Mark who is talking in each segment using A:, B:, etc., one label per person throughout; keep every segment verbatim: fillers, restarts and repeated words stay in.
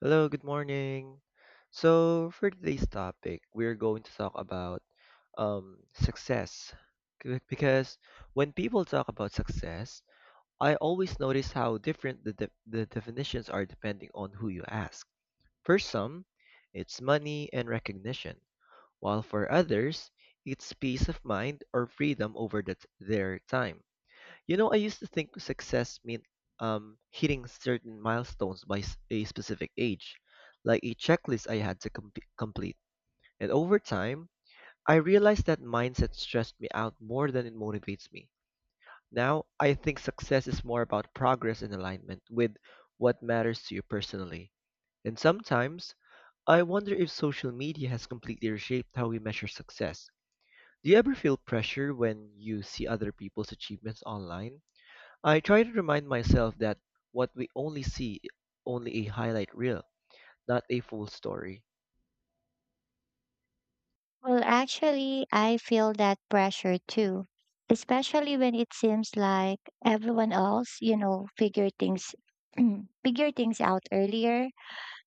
A: Hello, good morning. So for today's topic, we're going to talk about um, success. C- Because when people talk about success, I always notice how different the, de- the definitions are depending on who you ask. For some, it's money and recognition, while for others, it's peace of mind or freedom over the t- their time. You know, I used to think success meant um, hitting certain milestones by s- a specific age, like a checklist I had to com- complete. And over time, I realized that mindset stressed me out more than it motivates me. Now, I think success is more about progress and alignment with what matters to you personally. And sometimes, I wonder if social media has completely reshaped how we measure success. Do you ever feel pressure when you see other people's achievements online? I try to remind myself that what we only see is only a highlight reel, not a full story.
B: Well, actually, I feel that pressure too, especially when it seems like everyone else, you know, figure things figure things out earlier.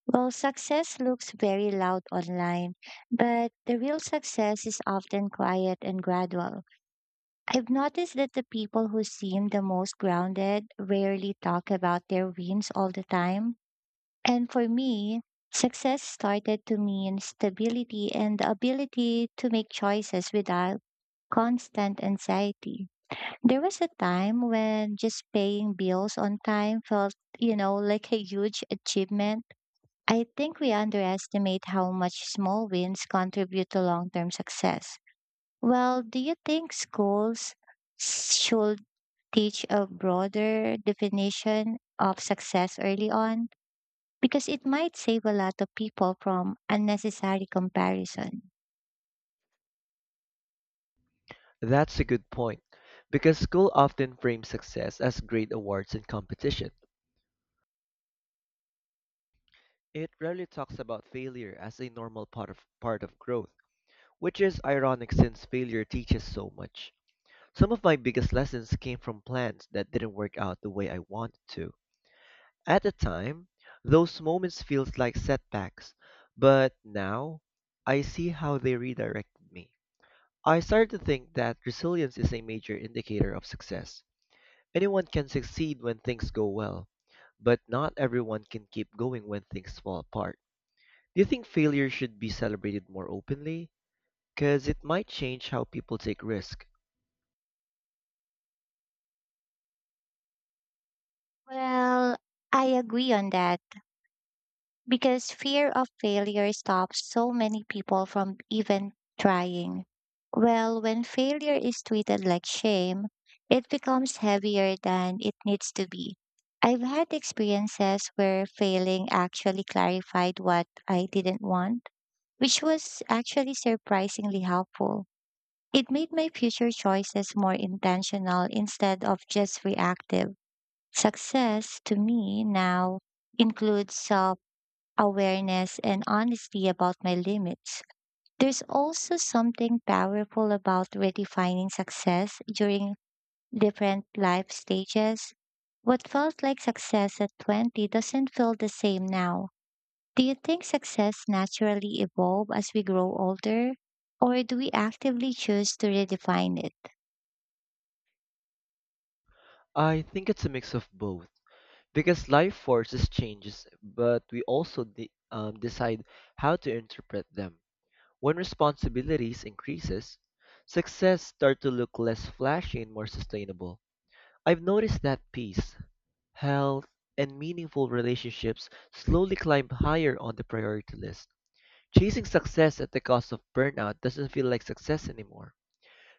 B: Well, success looks very loud online, but the real success is often quiet and gradual. I've noticed that the people who seem the most grounded rarely talk about their wins all the time and for me, success started to mean stability and the ability to make choices without constant anxiety. There was a time when just paying bills on time felt, you know, like a huge achievement. I think we underestimate how much small wins contribute to long term success. Well, do you think schools should teach a broader definition of success early on? Because it might save a lot of people from unnecessary comparison.
A: That's a good point, because school often frames success as grade awards and competition. It rarely talks about failure as a normal part of, part of growth, which is ironic since failure teaches so much. Some of my biggest lessons came from plans that didn't work out the way I wanted to. At the time, those moments feels like setbacks, but now I see how they redirected me. I started to think that resilience is a major indicator of success. Anyone can succeed when things go well, but not everyone can keep going when things fall apart. Do you think failure should be celebrated more openly? Because it might change how people take risk.
B: Well, I agree on that because fear of failure stops so many people from even trying. Well, when failure is treated like shame, it becomes heavier than it needs to be. I've had experiences where failing actually clarified what I didn't want, which was actually surprisingly helpful. It made my future choices more intentional instead of just reactive. Success to me now includes self awareness and honesty about my limits. There's also something powerful about redefining success during different life stages. What felt like success at twenty doesn't feel the same now. Do you think success naturally evolves as we grow older? Or do we actively choose to redefine it?
A: I think it's a mix of both. Because life forces changes, but we also de- um, decide how to interpret them. When responsibilities increases, success start to look less flashy and more sustainable. I've noticed that peace, health, and meaningful relationships slowly climb higher on the priority list. Chasing success at the cost of burnout doesn't feel like success anymore.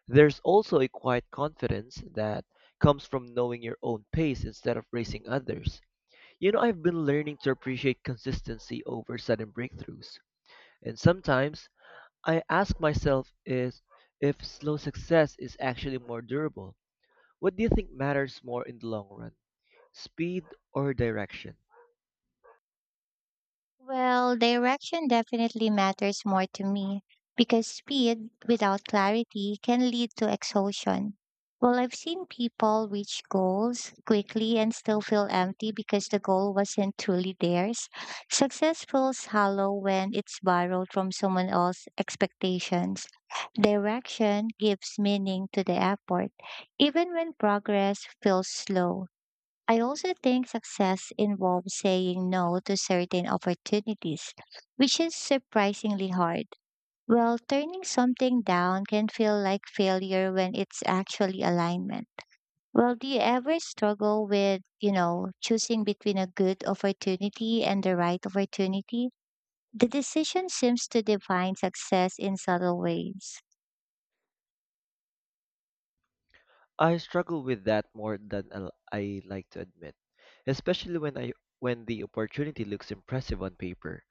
A: There's also a quiet confidence that comes from knowing your own pace instead of racing others. You know, I've been learning to appreciate consistency over sudden breakthroughs. And sometimes I ask myself is if slow success is actually more durable. What do you think matters more in the long run? Speed or direction?
B: Well, direction definitely matters more to me because speed without clarity can lead to exhaustion. Well, I've seen people reach goals quickly and still feel empty because the goal wasn't truly theirs. Success feels hollow when it's borrowed from someone else's expectations. Direction gives meaning to the effort, even when progress feels slow. I also think success involves saying no to certain opportunities, which is surprisingly hard. Well, turning something down can feel like failure when it's actually alignment. Well, do you ever struggle with, you know, choosing between a good opportunity and the right opportunity? The decision seems to define success in subtle ways.
A: I struggle with that more than I I like to admit, especially when I when the opportunity looks impressive on paper.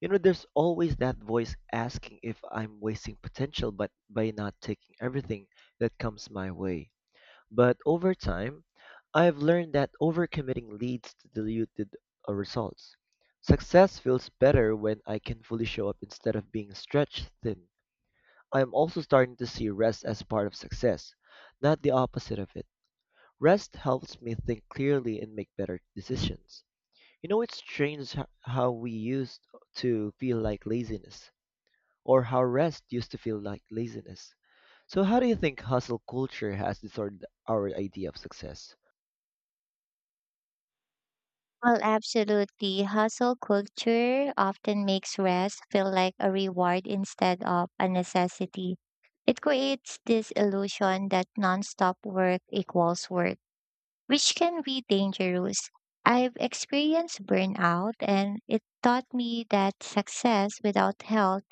A: You know, there's always that voice asking if I'm wasting potential but by not taking everything that comes my way. But over time, I've learned that overcommitting leads to diluted uh, results. Success feels better when I can fully show up instead of being stretched thin. I'm also starting to see rest as part of success, not the opposite of it. Rest helps me think clearly and make better decisions. You know, it's strange h- how we used to feel like laziness, or how rest used to feel like laziness. So, how do you think hustle culture has disordered our idea of success?
B: Well, absolutely. Hustle culture often makes rest feel like a reward instead of a necessity. It creates this illusion that nonstop work equals work, which can be dangerous. I've experienced burnout, and it taught me that success without health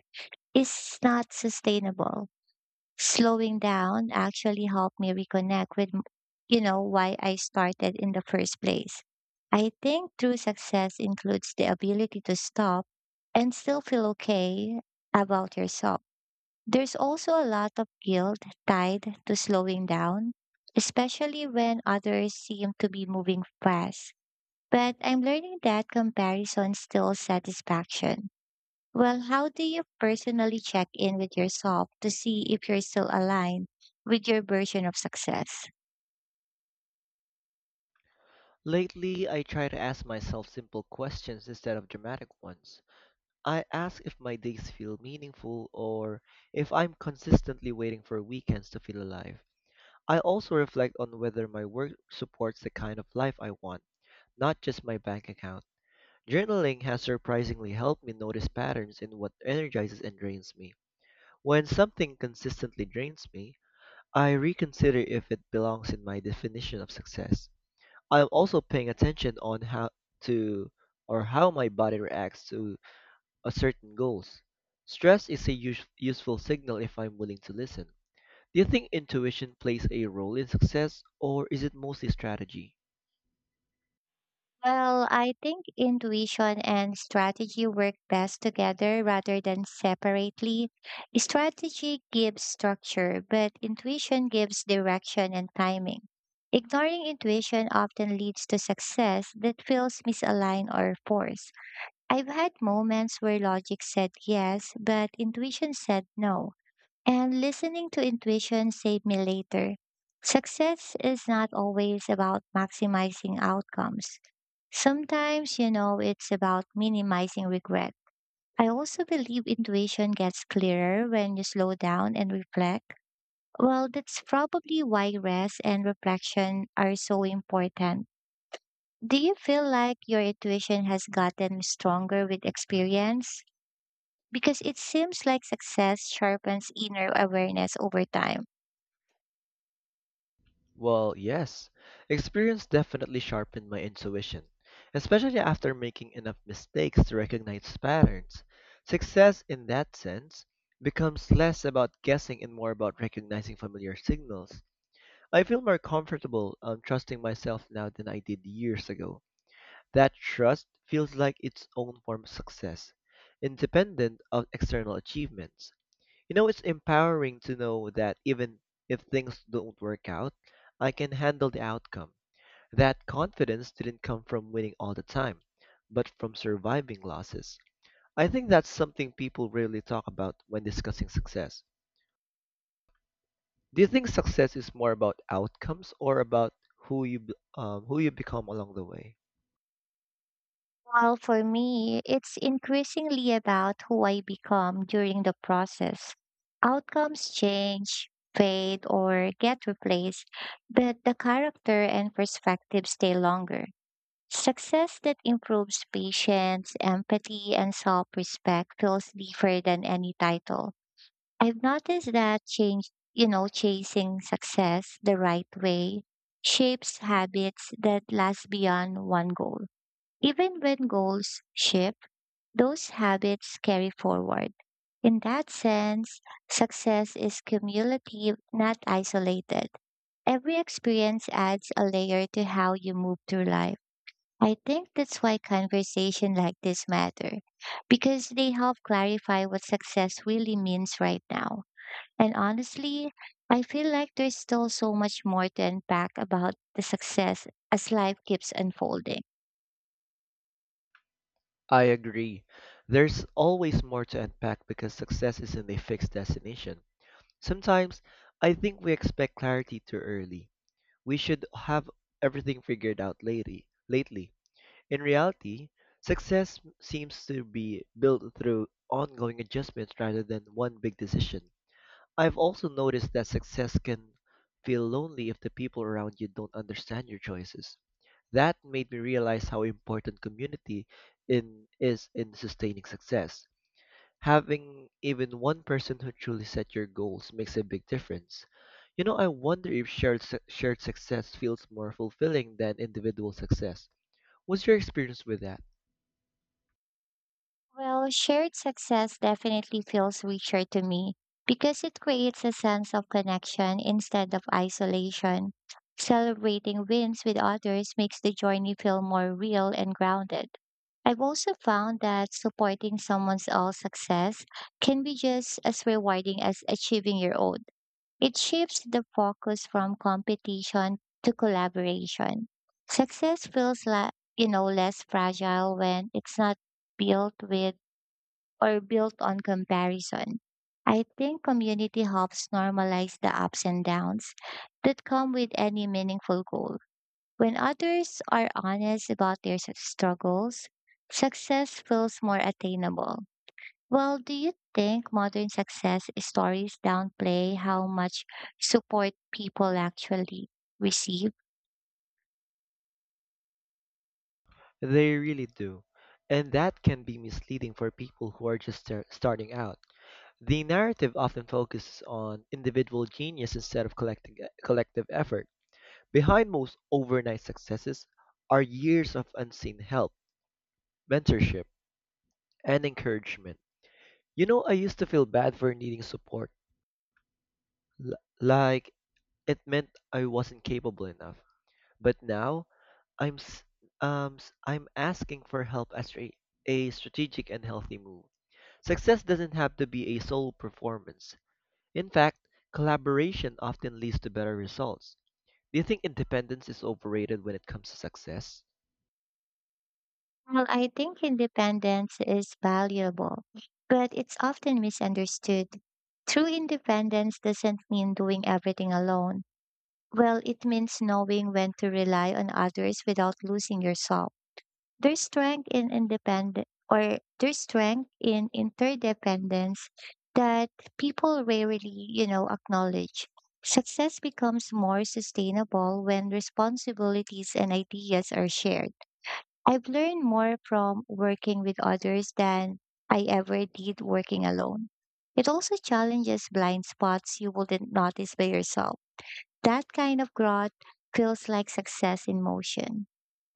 B: is not sustainable. Slowing down actually helped me reconnect with m- you know why I started in the first place. I think true success includes the ability to stop and still feel okay about yourself. There's also a lot of guilt tied to slowing down, especially when others seem to be moving fast, but I'm learning that comparison steals satisfaction. Well, how do you personally check in with yourself to see if you're still aligned with your version of success?
A: Lately, I try to ask myself simple questions instead of dramatic ones. I ask if my days feel meaningful or if I'm consistently waiting for weekends to feel alive. I also reflect on whether my work supports the kind of life I want, not just my bank account. Journaling has surprisingly helped me notice patterns in what energizes and drains me. When something consistently drains me, I reconsider if it belongs in my definition of success. I am also paying attention on how to or how my body reacts to a certain goals. Stress is a use, useful signal if I'm willing to listen. Do you think intuition plays a role in success or is it mostly strategy?
B: Well, I think intuition and strategy work best together rather than separately. Strategy gives structure, but intuition gives direction and timing. Ignoring intuition often leads to success that feels misaligned or forced. I've had moments where logic said yes, but intuition said no. And listening to intuition saved me later. Success is not always about maximizing outcomes. Sometimes, you know, it's about minimizing regret. I also believe intuition gets clearer when you slow down and reflect. Well, that's probably why rest and reflection are so important. Do you feel like your intuition has gotten stronger with experience? Because it seems like success sharpens inner awareness over time.
A: Well, yes. Experience definitely sharpened my intuition, especially after making enough mistakes to recognize patterns. Success in that sense becomes less about guessing and more about recognizing familiar signals. I feel more comfortable um, trusting myself now than I did years ago. That trust feels like its own form of success, independent of external achievements. You know, it's empowering to know that even if things don't work out, I can handle the outcome. That confidence didn't come from winning all the time, but from surviving losses. I think that's something people rarely talk about when discussing success. Do you think success is more about outcomes or about who you be- um, who you become along the way?
B: Well, for me, it's increasingly about who I become during the process. Outcomes change, fade, or get replaced, but the character and perspective stay longer. Success that improves patience, empathy, and self respect feels deeper than any title. I've noticed that change, you know, chasing success the right way shapes habits that last beyond one goal. Even when goals shift, those habits carry forward. In that sense, success is cumulative, not isolated. Every experience adds a layer to how you move through life. I think that's why conversation like this matter because they help clarify what success really means right now. And honestly, I feel like there's still so much more to unpack about the success as life keeps unfolding.
A: I agree. There's always more to unpack because success isn't a fixed destination. Sometimes I think we expect clarity too early. We should have everything figured out lately. Lately, in reality, success seems to be built through ongoing adjustments rather than one big decision. I've also noticed that success can feel lonely if the people around you don't understand your choices. That made me realize how important community in is in sustaining success. Having even one person who truly set your goals makes a big difference. You know, I wonder if shared su- shared success feels more fulfilling than individual success. What's your experience with that?
B: Well, shared success definitely feels richer to me because it creates a sense of connection instead of isolation. Celebrating wins with others makes the journey feel more real and grounded. I've also found that supporting someone else's success can be just as rewarding as achieving your own. It shifts the focus from competition to collaboration. Success feels like, you know, less fragile when it's not built with or built on comparison. I think community helps normalize the ups and downs that come with any meaningful goal. When others are honest about their s- struggles, success feels more attainable. Well, do you think modern success stories downplay how much support people actually receive?
A: They really do. And that can be misleading for people who are just star- starting out. The narrative often focuses on individual genius instead of collecting, e, collective effort. Behind most overnight successes are years of unseen help, mentorship, and encouragement. You know, I used to feel bad for needing support, l- like it meant I wasn't capable enough. But now, I'm s- um, s- I'm asking for help as a, a strategic and healthy move. Success doesn't have to be a solo performance. In fact, collaboration often leads to better results. Do you think independence is overrated when it comes to success?
B: Well, I think independence is valuable, but it's often misunderstood. True independence doesn't mean doing everything alone. Well, it means knowing when to rely on others without losing yourself. There's strength in independence, or there's strength in interdependence that people rarely, you know, acknowledge. Success becomes more sustainable when responsibilities and ideas are shared. I've learned more from working with others than I ever did working alone. It also challenges blind spots you wouldn't notice by yourself. That kind of growth feels like success in motion.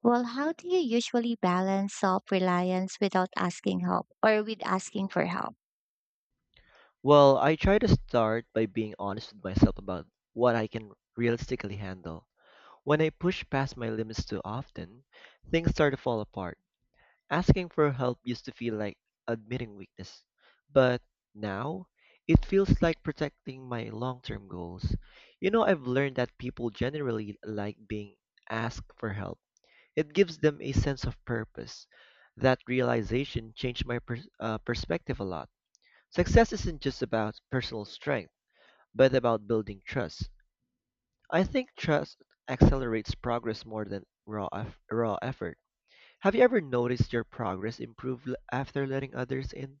B: Well, how do you usually balance self reliance without asking help or with asking for help?
A: Well, I try to start by being honest with myself about what I can realistically handle. When I push past my limits too often, things start to fall apart. Asking for help used to feel like admitting weakness, but now it feels like protecting my long term goals. You know, I've learned that people generally like being asked for help. It gives them a sense of purpose. That realization changed my per- uh, perspective a lot. Success isn't just about personal strength, but about building trust. I think trust accelerates progress more than raw eff- raw effort. Have you ever noticed your progress improve l- after letting others in?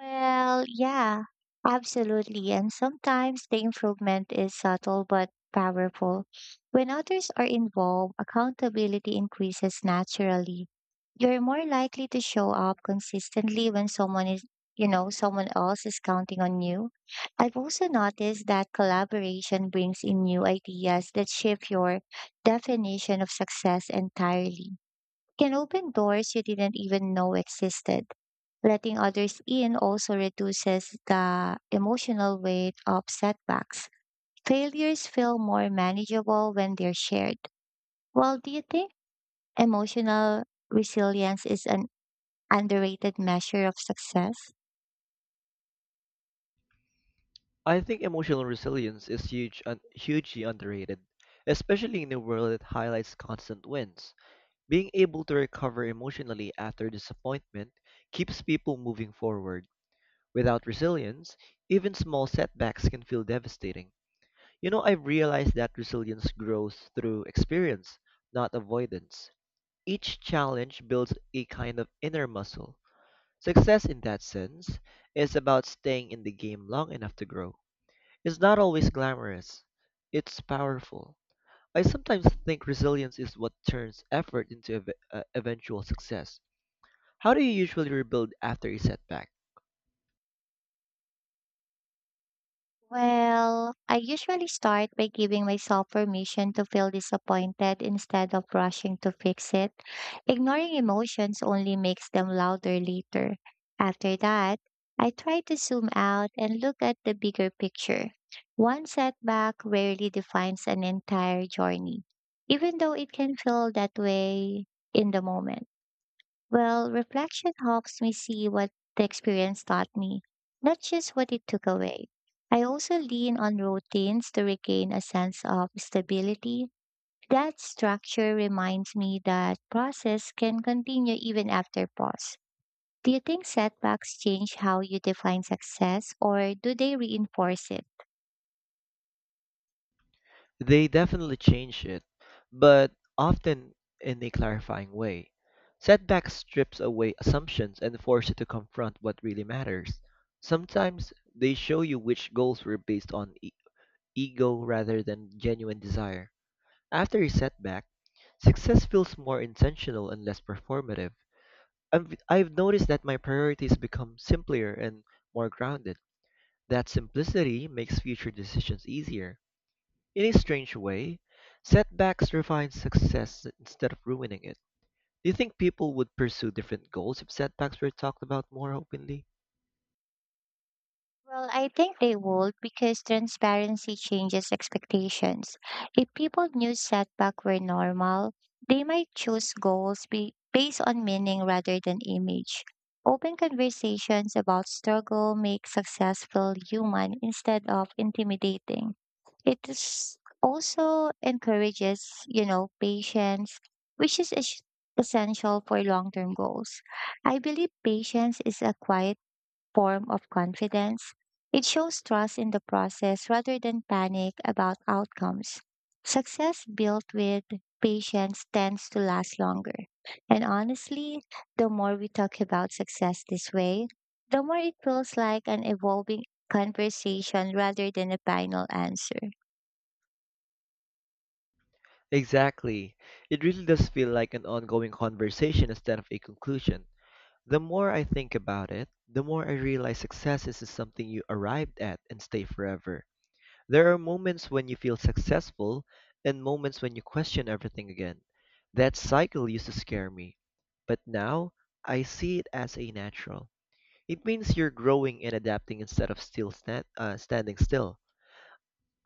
B: Well, yeah, absolutely. And sometimes the improvement is subtle but powerful. When others are involved, accountability increases naturally. You're more likely to show up consistently when someone is, you know, someone else is counting on you. I've also noticed that collaboration brings in new ideas that shift your definition of success entirely. It can open doors you didn't even know existed. Letting others in also reduces the emotional weight of setbacks. Failures feel more manageable when they're shared. Well, do you think emotional resilience is an underrated measure of success?
A: I think emotional resilience is huge, un- hugely underrated, especially in a world that highlights constant wins. Being able to recover emotionally after disappointment keeps people moving forward. Without resilience, even small setbacks can feel devastating. You know, I've realized that resilience grows through experience, not avoidance. Each challenge builds a kind of inner muscle. Success, in that sense, is about staying in the game long enough to grow. It's not always glamorous, it's powerful. I sometimes think resilience is what turns effort into ev- uh, eventual success. How do you usually rebuild after a setback?
B: Well, I usually start by giving myself permission to feel disappointed instead of rushing to fix it. Ignoring emotions only makes them louder later. After that, I try to zoom out and look at the bigger picture. One setback rarely defines an entire journey, even though it can feel that way in the moment. Well, reflection helps me see what the experience taught me, not just what it took away. I also lean on routines to regain a sense of stability. That structure reminds me that process can continue even after pause. Do you think setbacks change how you define success or do they reinforce it?
A: They definitely change it, but often in a clarifying way. Setback strips away assumptions and force you to confront what really matters. Sometimes they show you which goals were based on e- ego rather than genuine desire. After a setback, success feels more intentional and less performative. I've, I've noticed that my priorities become simpler and more grounded. That simplicity makes future decisions easier. In a strange way, setbacks refine success instead of ruining it. Do you think people would pursue different goals if setbacks were talked about more openly?
B: Well, I think they would because transparency changes expectations. If people knew setback were normal, they might choose goals be- based on meaning rather than image. Open conversations about struggle make success feel human instead of intimidating. It is also encourages, you know, patience, which is es- essential for long-term goals. I believe patience is a quiet form of confidence. It shows trust in the process rather than panic about outcomes. Success built with patience tends to last longer. And honestly, the more we talk about success this way, the more it feels like an evolving conversation rather than a final answer.
A: Exactly. It really does feel like an ongoing conversation instead of a conclusion. The more I think about it, the more I realize success isn't something you arrived at and stay forever. There are moments when you feel successful and moments when you question everything again. That cycle used to scare me, but now I see it as a natural. It means you're growing and adapting instead of still stand, uh, standing still.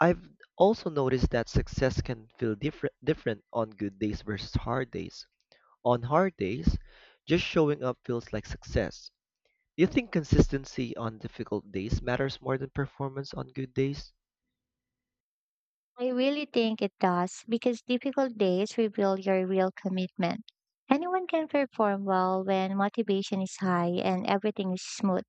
A: I've also noticed that success can feel different different on good days versus hard days. On hard days, just showing up feels like success. Do you think consistency on difficult days matters more than performance on good days?
B: I really think it does because difficult days reveal your real commitment. Anyone can perform well when motivation is high and everything is smooth.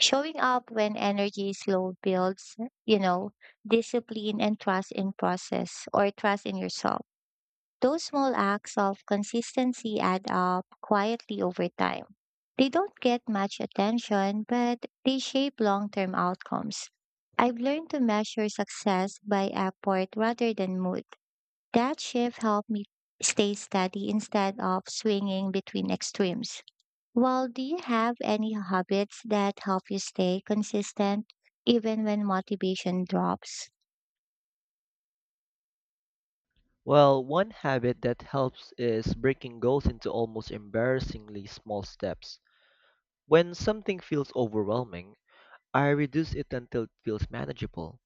B: Showing up when energy is low builds, you know, discipline and trust in process or trust in yourself. Those small acts of consistency add up quietly over time. They don't get much attention, but they shape long term outcomes. I've learned to measure success by effort rather than mood. That shift helped me stay steady instead of swinging between extremes. Well, do you have any habits that help you stay consistent even when motivation drops?
A: Well, one habit that helps is breaking goals into almost embarrassingly small steps. When something feels overwhelming, I reduce it until it feels manageable.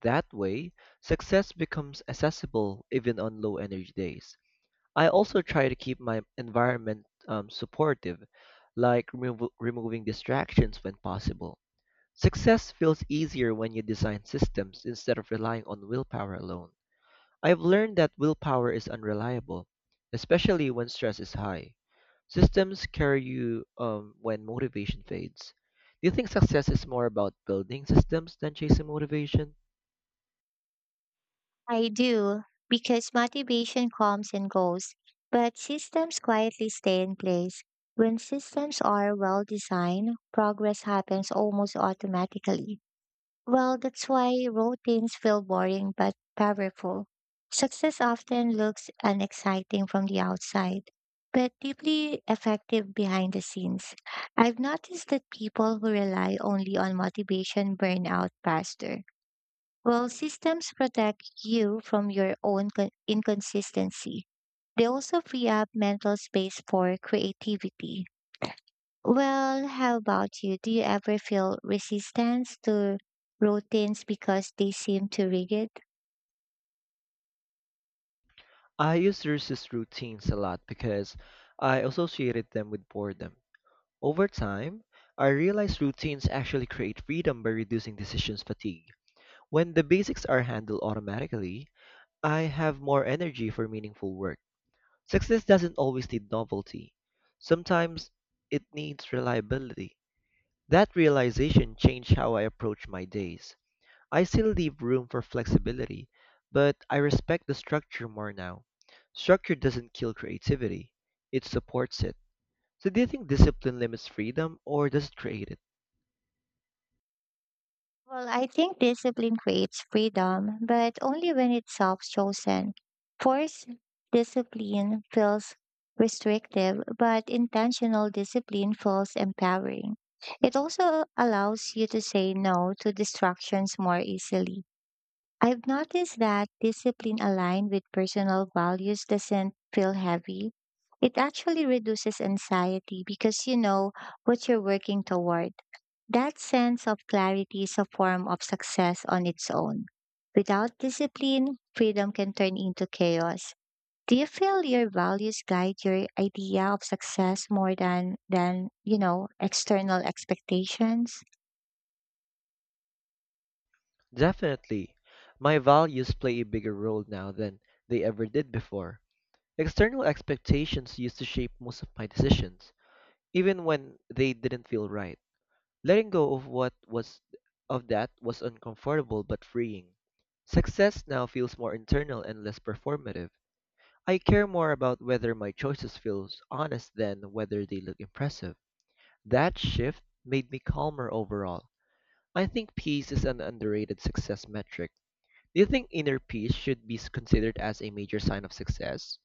A: That way, success becomes accessible even on low energy days. I also try to keep my environment um, supportive, like remov- removing distractions when possible. Success feels easier when you design systems instead of relying on willpower alone. I've learned that willpower is unreliable, especially when stress is high. Systems carry you um, when motivation fades. Do you think success is more about building systems than chasing motivation?
B: I do, because motivation comes and goes, but systems quietly stay in place. When systems are well designed, progress happens almost automatically. Well, that's why routines feel boring but powerful. Success often looks unexciting from the outside, but deeply effective behind the scenes. I've noticed that people who rely only on motivation burn out faster. Well, systems protect you from your own con- inconsistency. They also free up mental space for creativity. Well, how about you? Do you ever feel resistance to routines because they seem too rigid?
A: I used to resist routines a lot because I associated them with boredom. Over time, I realized routines actually create freedom by reducing decisions fatigue. When the basics are handled automatically, I have more energy for meaningful work. Success doesn't always need novelty. Sometimes it needs reliability. That realization changed how I approach my days. I still leave room for flexibility, but I respect the structure more now. Structure doesn't kill creativity, it supports it. So, do you think discipline limits freedom or does it create it?
B: Well, I think discipline creates freedom, but only when it's self chosen. Forced discipline feels restrictive, but intentional discipline feels empowering. It also allows you to say no to distractions more easily. I've noticed that discipline aligned with personal values doesn't feel heavy. It actually reduces anxiety because you know what you're working toward. That sense of clarity is a form of success on its own. Without discipline, freedom can turn into chaos. Do you feel your values guide your idea of success more than than, you know, external expectations?
A: Definitely. My values play a bigger role now than they ever did before. External expectations used to shape most of my decisions, even when they didn't feel right. Letting go of what was of that was uncomfortable but freeing. Success now feels more internal and less performative. I care more about whether my choices feel honest than whether they look impressive. That shift made me calmer overall. I think peace is an underrated success metric. Do you think inner peace should be s- considered as a major sign of success?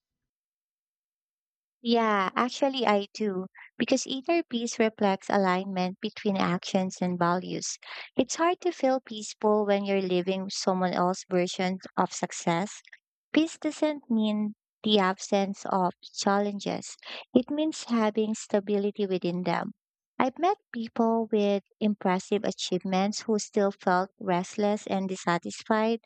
B: Yeah, actually, I do. Because inner peace reflects alignment between actions and values. It's hard to feel peaceful when you're living someone else's version of success. Peace doesn't mean the absence of challenges, it means having stability within them. I've met people with impressive achievements who still felt restless and dissatisfied.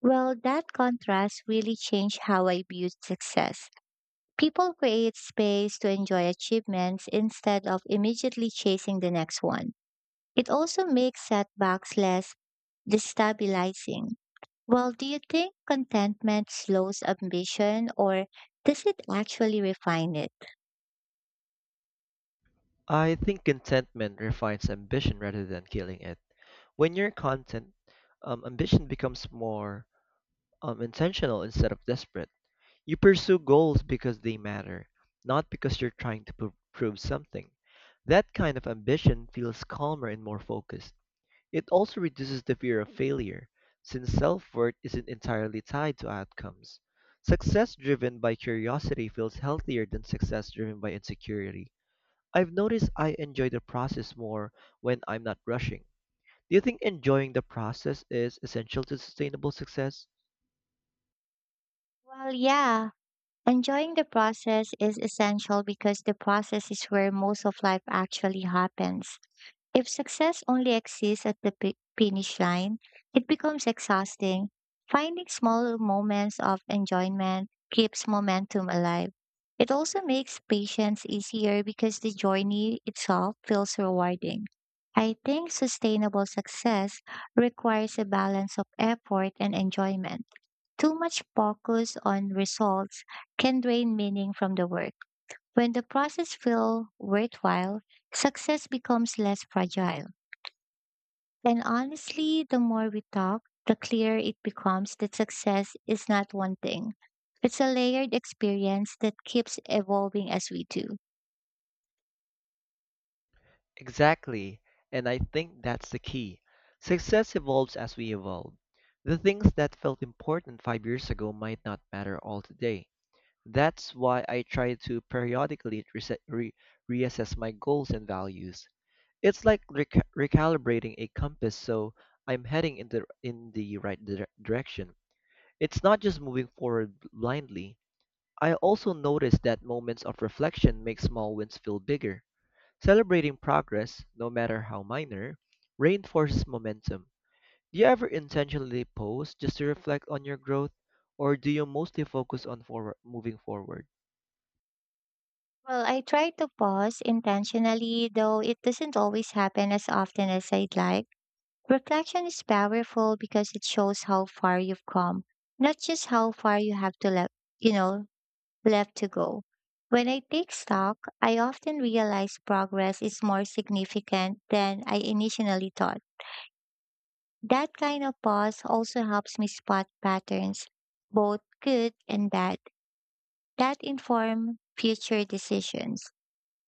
B: Well, that contrast really changed how I viewed success. People create space to enjoy achievements instead of immediately chasing the next one. It also makes setbacks less destabilizing. Well, do you think contentment slows ambition or does it actually refine it?
A: I think contentment refines ambition rather than killing it. When you're content, um, ambition becomes more um, intentional instead of desperate. You pursue goals because they matter, not because you're trying to pro- prove something. That kind of ambition feels calmer and more focused. It also reduces the fear of failure, since self worth isn't entirely tied to outcomes. Success driven by curiosity feels healthier than success driven by insecurity. I've noticed I enjoy the process more when I'm not rushing. Do you think enjoying the process is essential to sustainable success?
B: Well, yeah. Enjoying the process is essential because the process is where most of life actually happens. If success only exists at the pi- finish line, it becomes exhausting. Finding small moments of enjoyment keeps momentum alive. It also makes patience easier because the journey itself feels rewarding. I think sustainable success requires a balance of effort and enjoyment. Too much focus on results can drain meaning from the work. When the process feels worthwhile, success becomes less fragile. And honestly, the more we talk, the clearer it becomes that success is not one thing. It's a layered experience that keeps evolving as we do.
A: Exactly. And I think that's the key. Success evolves as we evolve. The things that felt important five years ago might not matter all today. That's why I try to periodically reset, re- reassess my goals and values. It's like rec- recalibrating a compass so I'm heading in the, in the right dire- direction. It's not just moving forward blindly. I also notice that moments of reflection make small wins feel bigger. Celebrating progress, no matter how minor, reinforces momentum. Do you ever intentionally pause just to reflect on your growth, or do you mostly focus on forward, moving forward?
B: Well, I try to pause intentionally, though it doesn't always happen as often as I'd like. Reflection is powerful because it shows how far you've come, not just how far you have to left, you know, left to go. When I take stock, I often realize progress is more significant than I initially thought. That kind of pause also helps me spot patterns, both good and bad, that inform future decisions.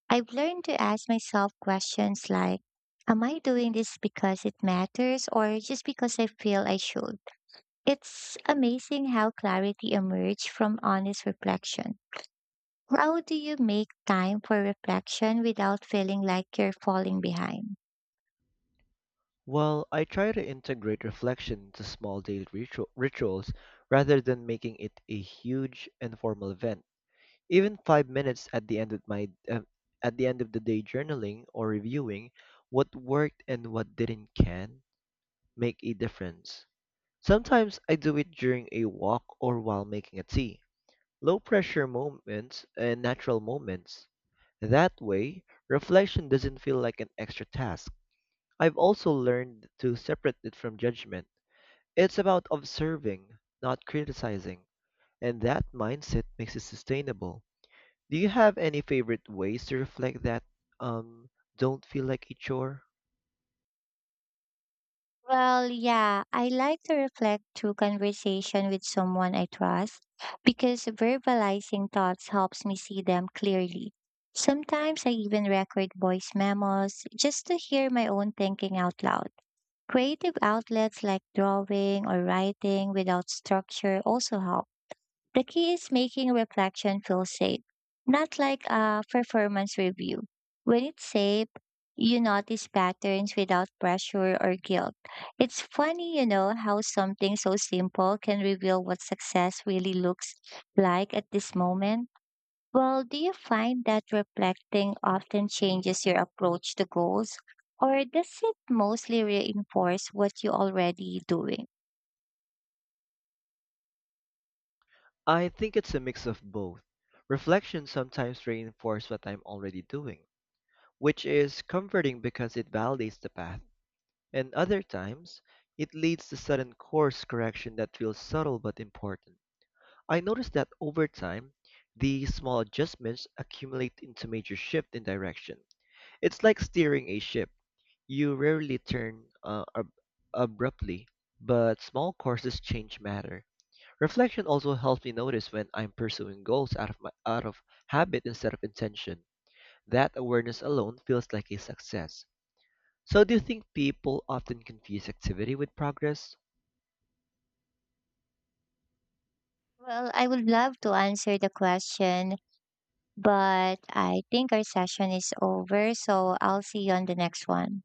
B: I've learned to ask myself questions like, am I doing this because it matters or just because I feel I should? It's amazing how clarity emerges from honest reflection. How do you make time for reflection without feeling like you're falling behind?
A: Well, I try to integrate reflection into small daily ritu- rituals rather than making it a huge and formal event. Even five minutes at the end of my um, at the end of the day, journaling or reviewing what worked and what didn't can make a difference. Sometimes I do it during a walk or while making a tea. Low pressure moments and natural moments. That way, reflection doesn't feel like an extra task. I've also learned to separate it from judgment. It's about observing, not criticizing, and that mindset makes it sustainable. Do you have any favorite ways to reflect that um don't feel like a chore?
B: Well, yeah, I like to reflect through conversation with someone I trust because verbalizing thoughts helps me see them clearly. Sometimes I even record voice memos just to hear my own thinking out loud. Creative outlets like drawing or writing without structure also help. The key is making reflection feel safe, not like a performance review. When it's safe, you notice patterns without pressure or guilt. It's funny, you know, how something so simple can reveal what success really looks like at this moment. Well, do you find that reflecting often changes your approach to goals, or does it mostly reinforce what you already doing?
A: I think it's a mix of both. Reflection sometimes reinforces what I'm already doing which is comforting because it validates the path. And other times, it leads to sudden course correction that feels subtle but important. I noticed that over time, these small adjustments accumulate into major shift in direction. It's like steering a ship. You rarely turn uh, ab- abruptly, but small courses change matter. Reflection also helps me notice when I'm pursuing goals out of my out of habit instead of intention. That awareness alone feels like a success. So do you think people often confuse activity with progress?
B: Well, I would love to answer the question, but I think our session is over, so I'll see you on the next one.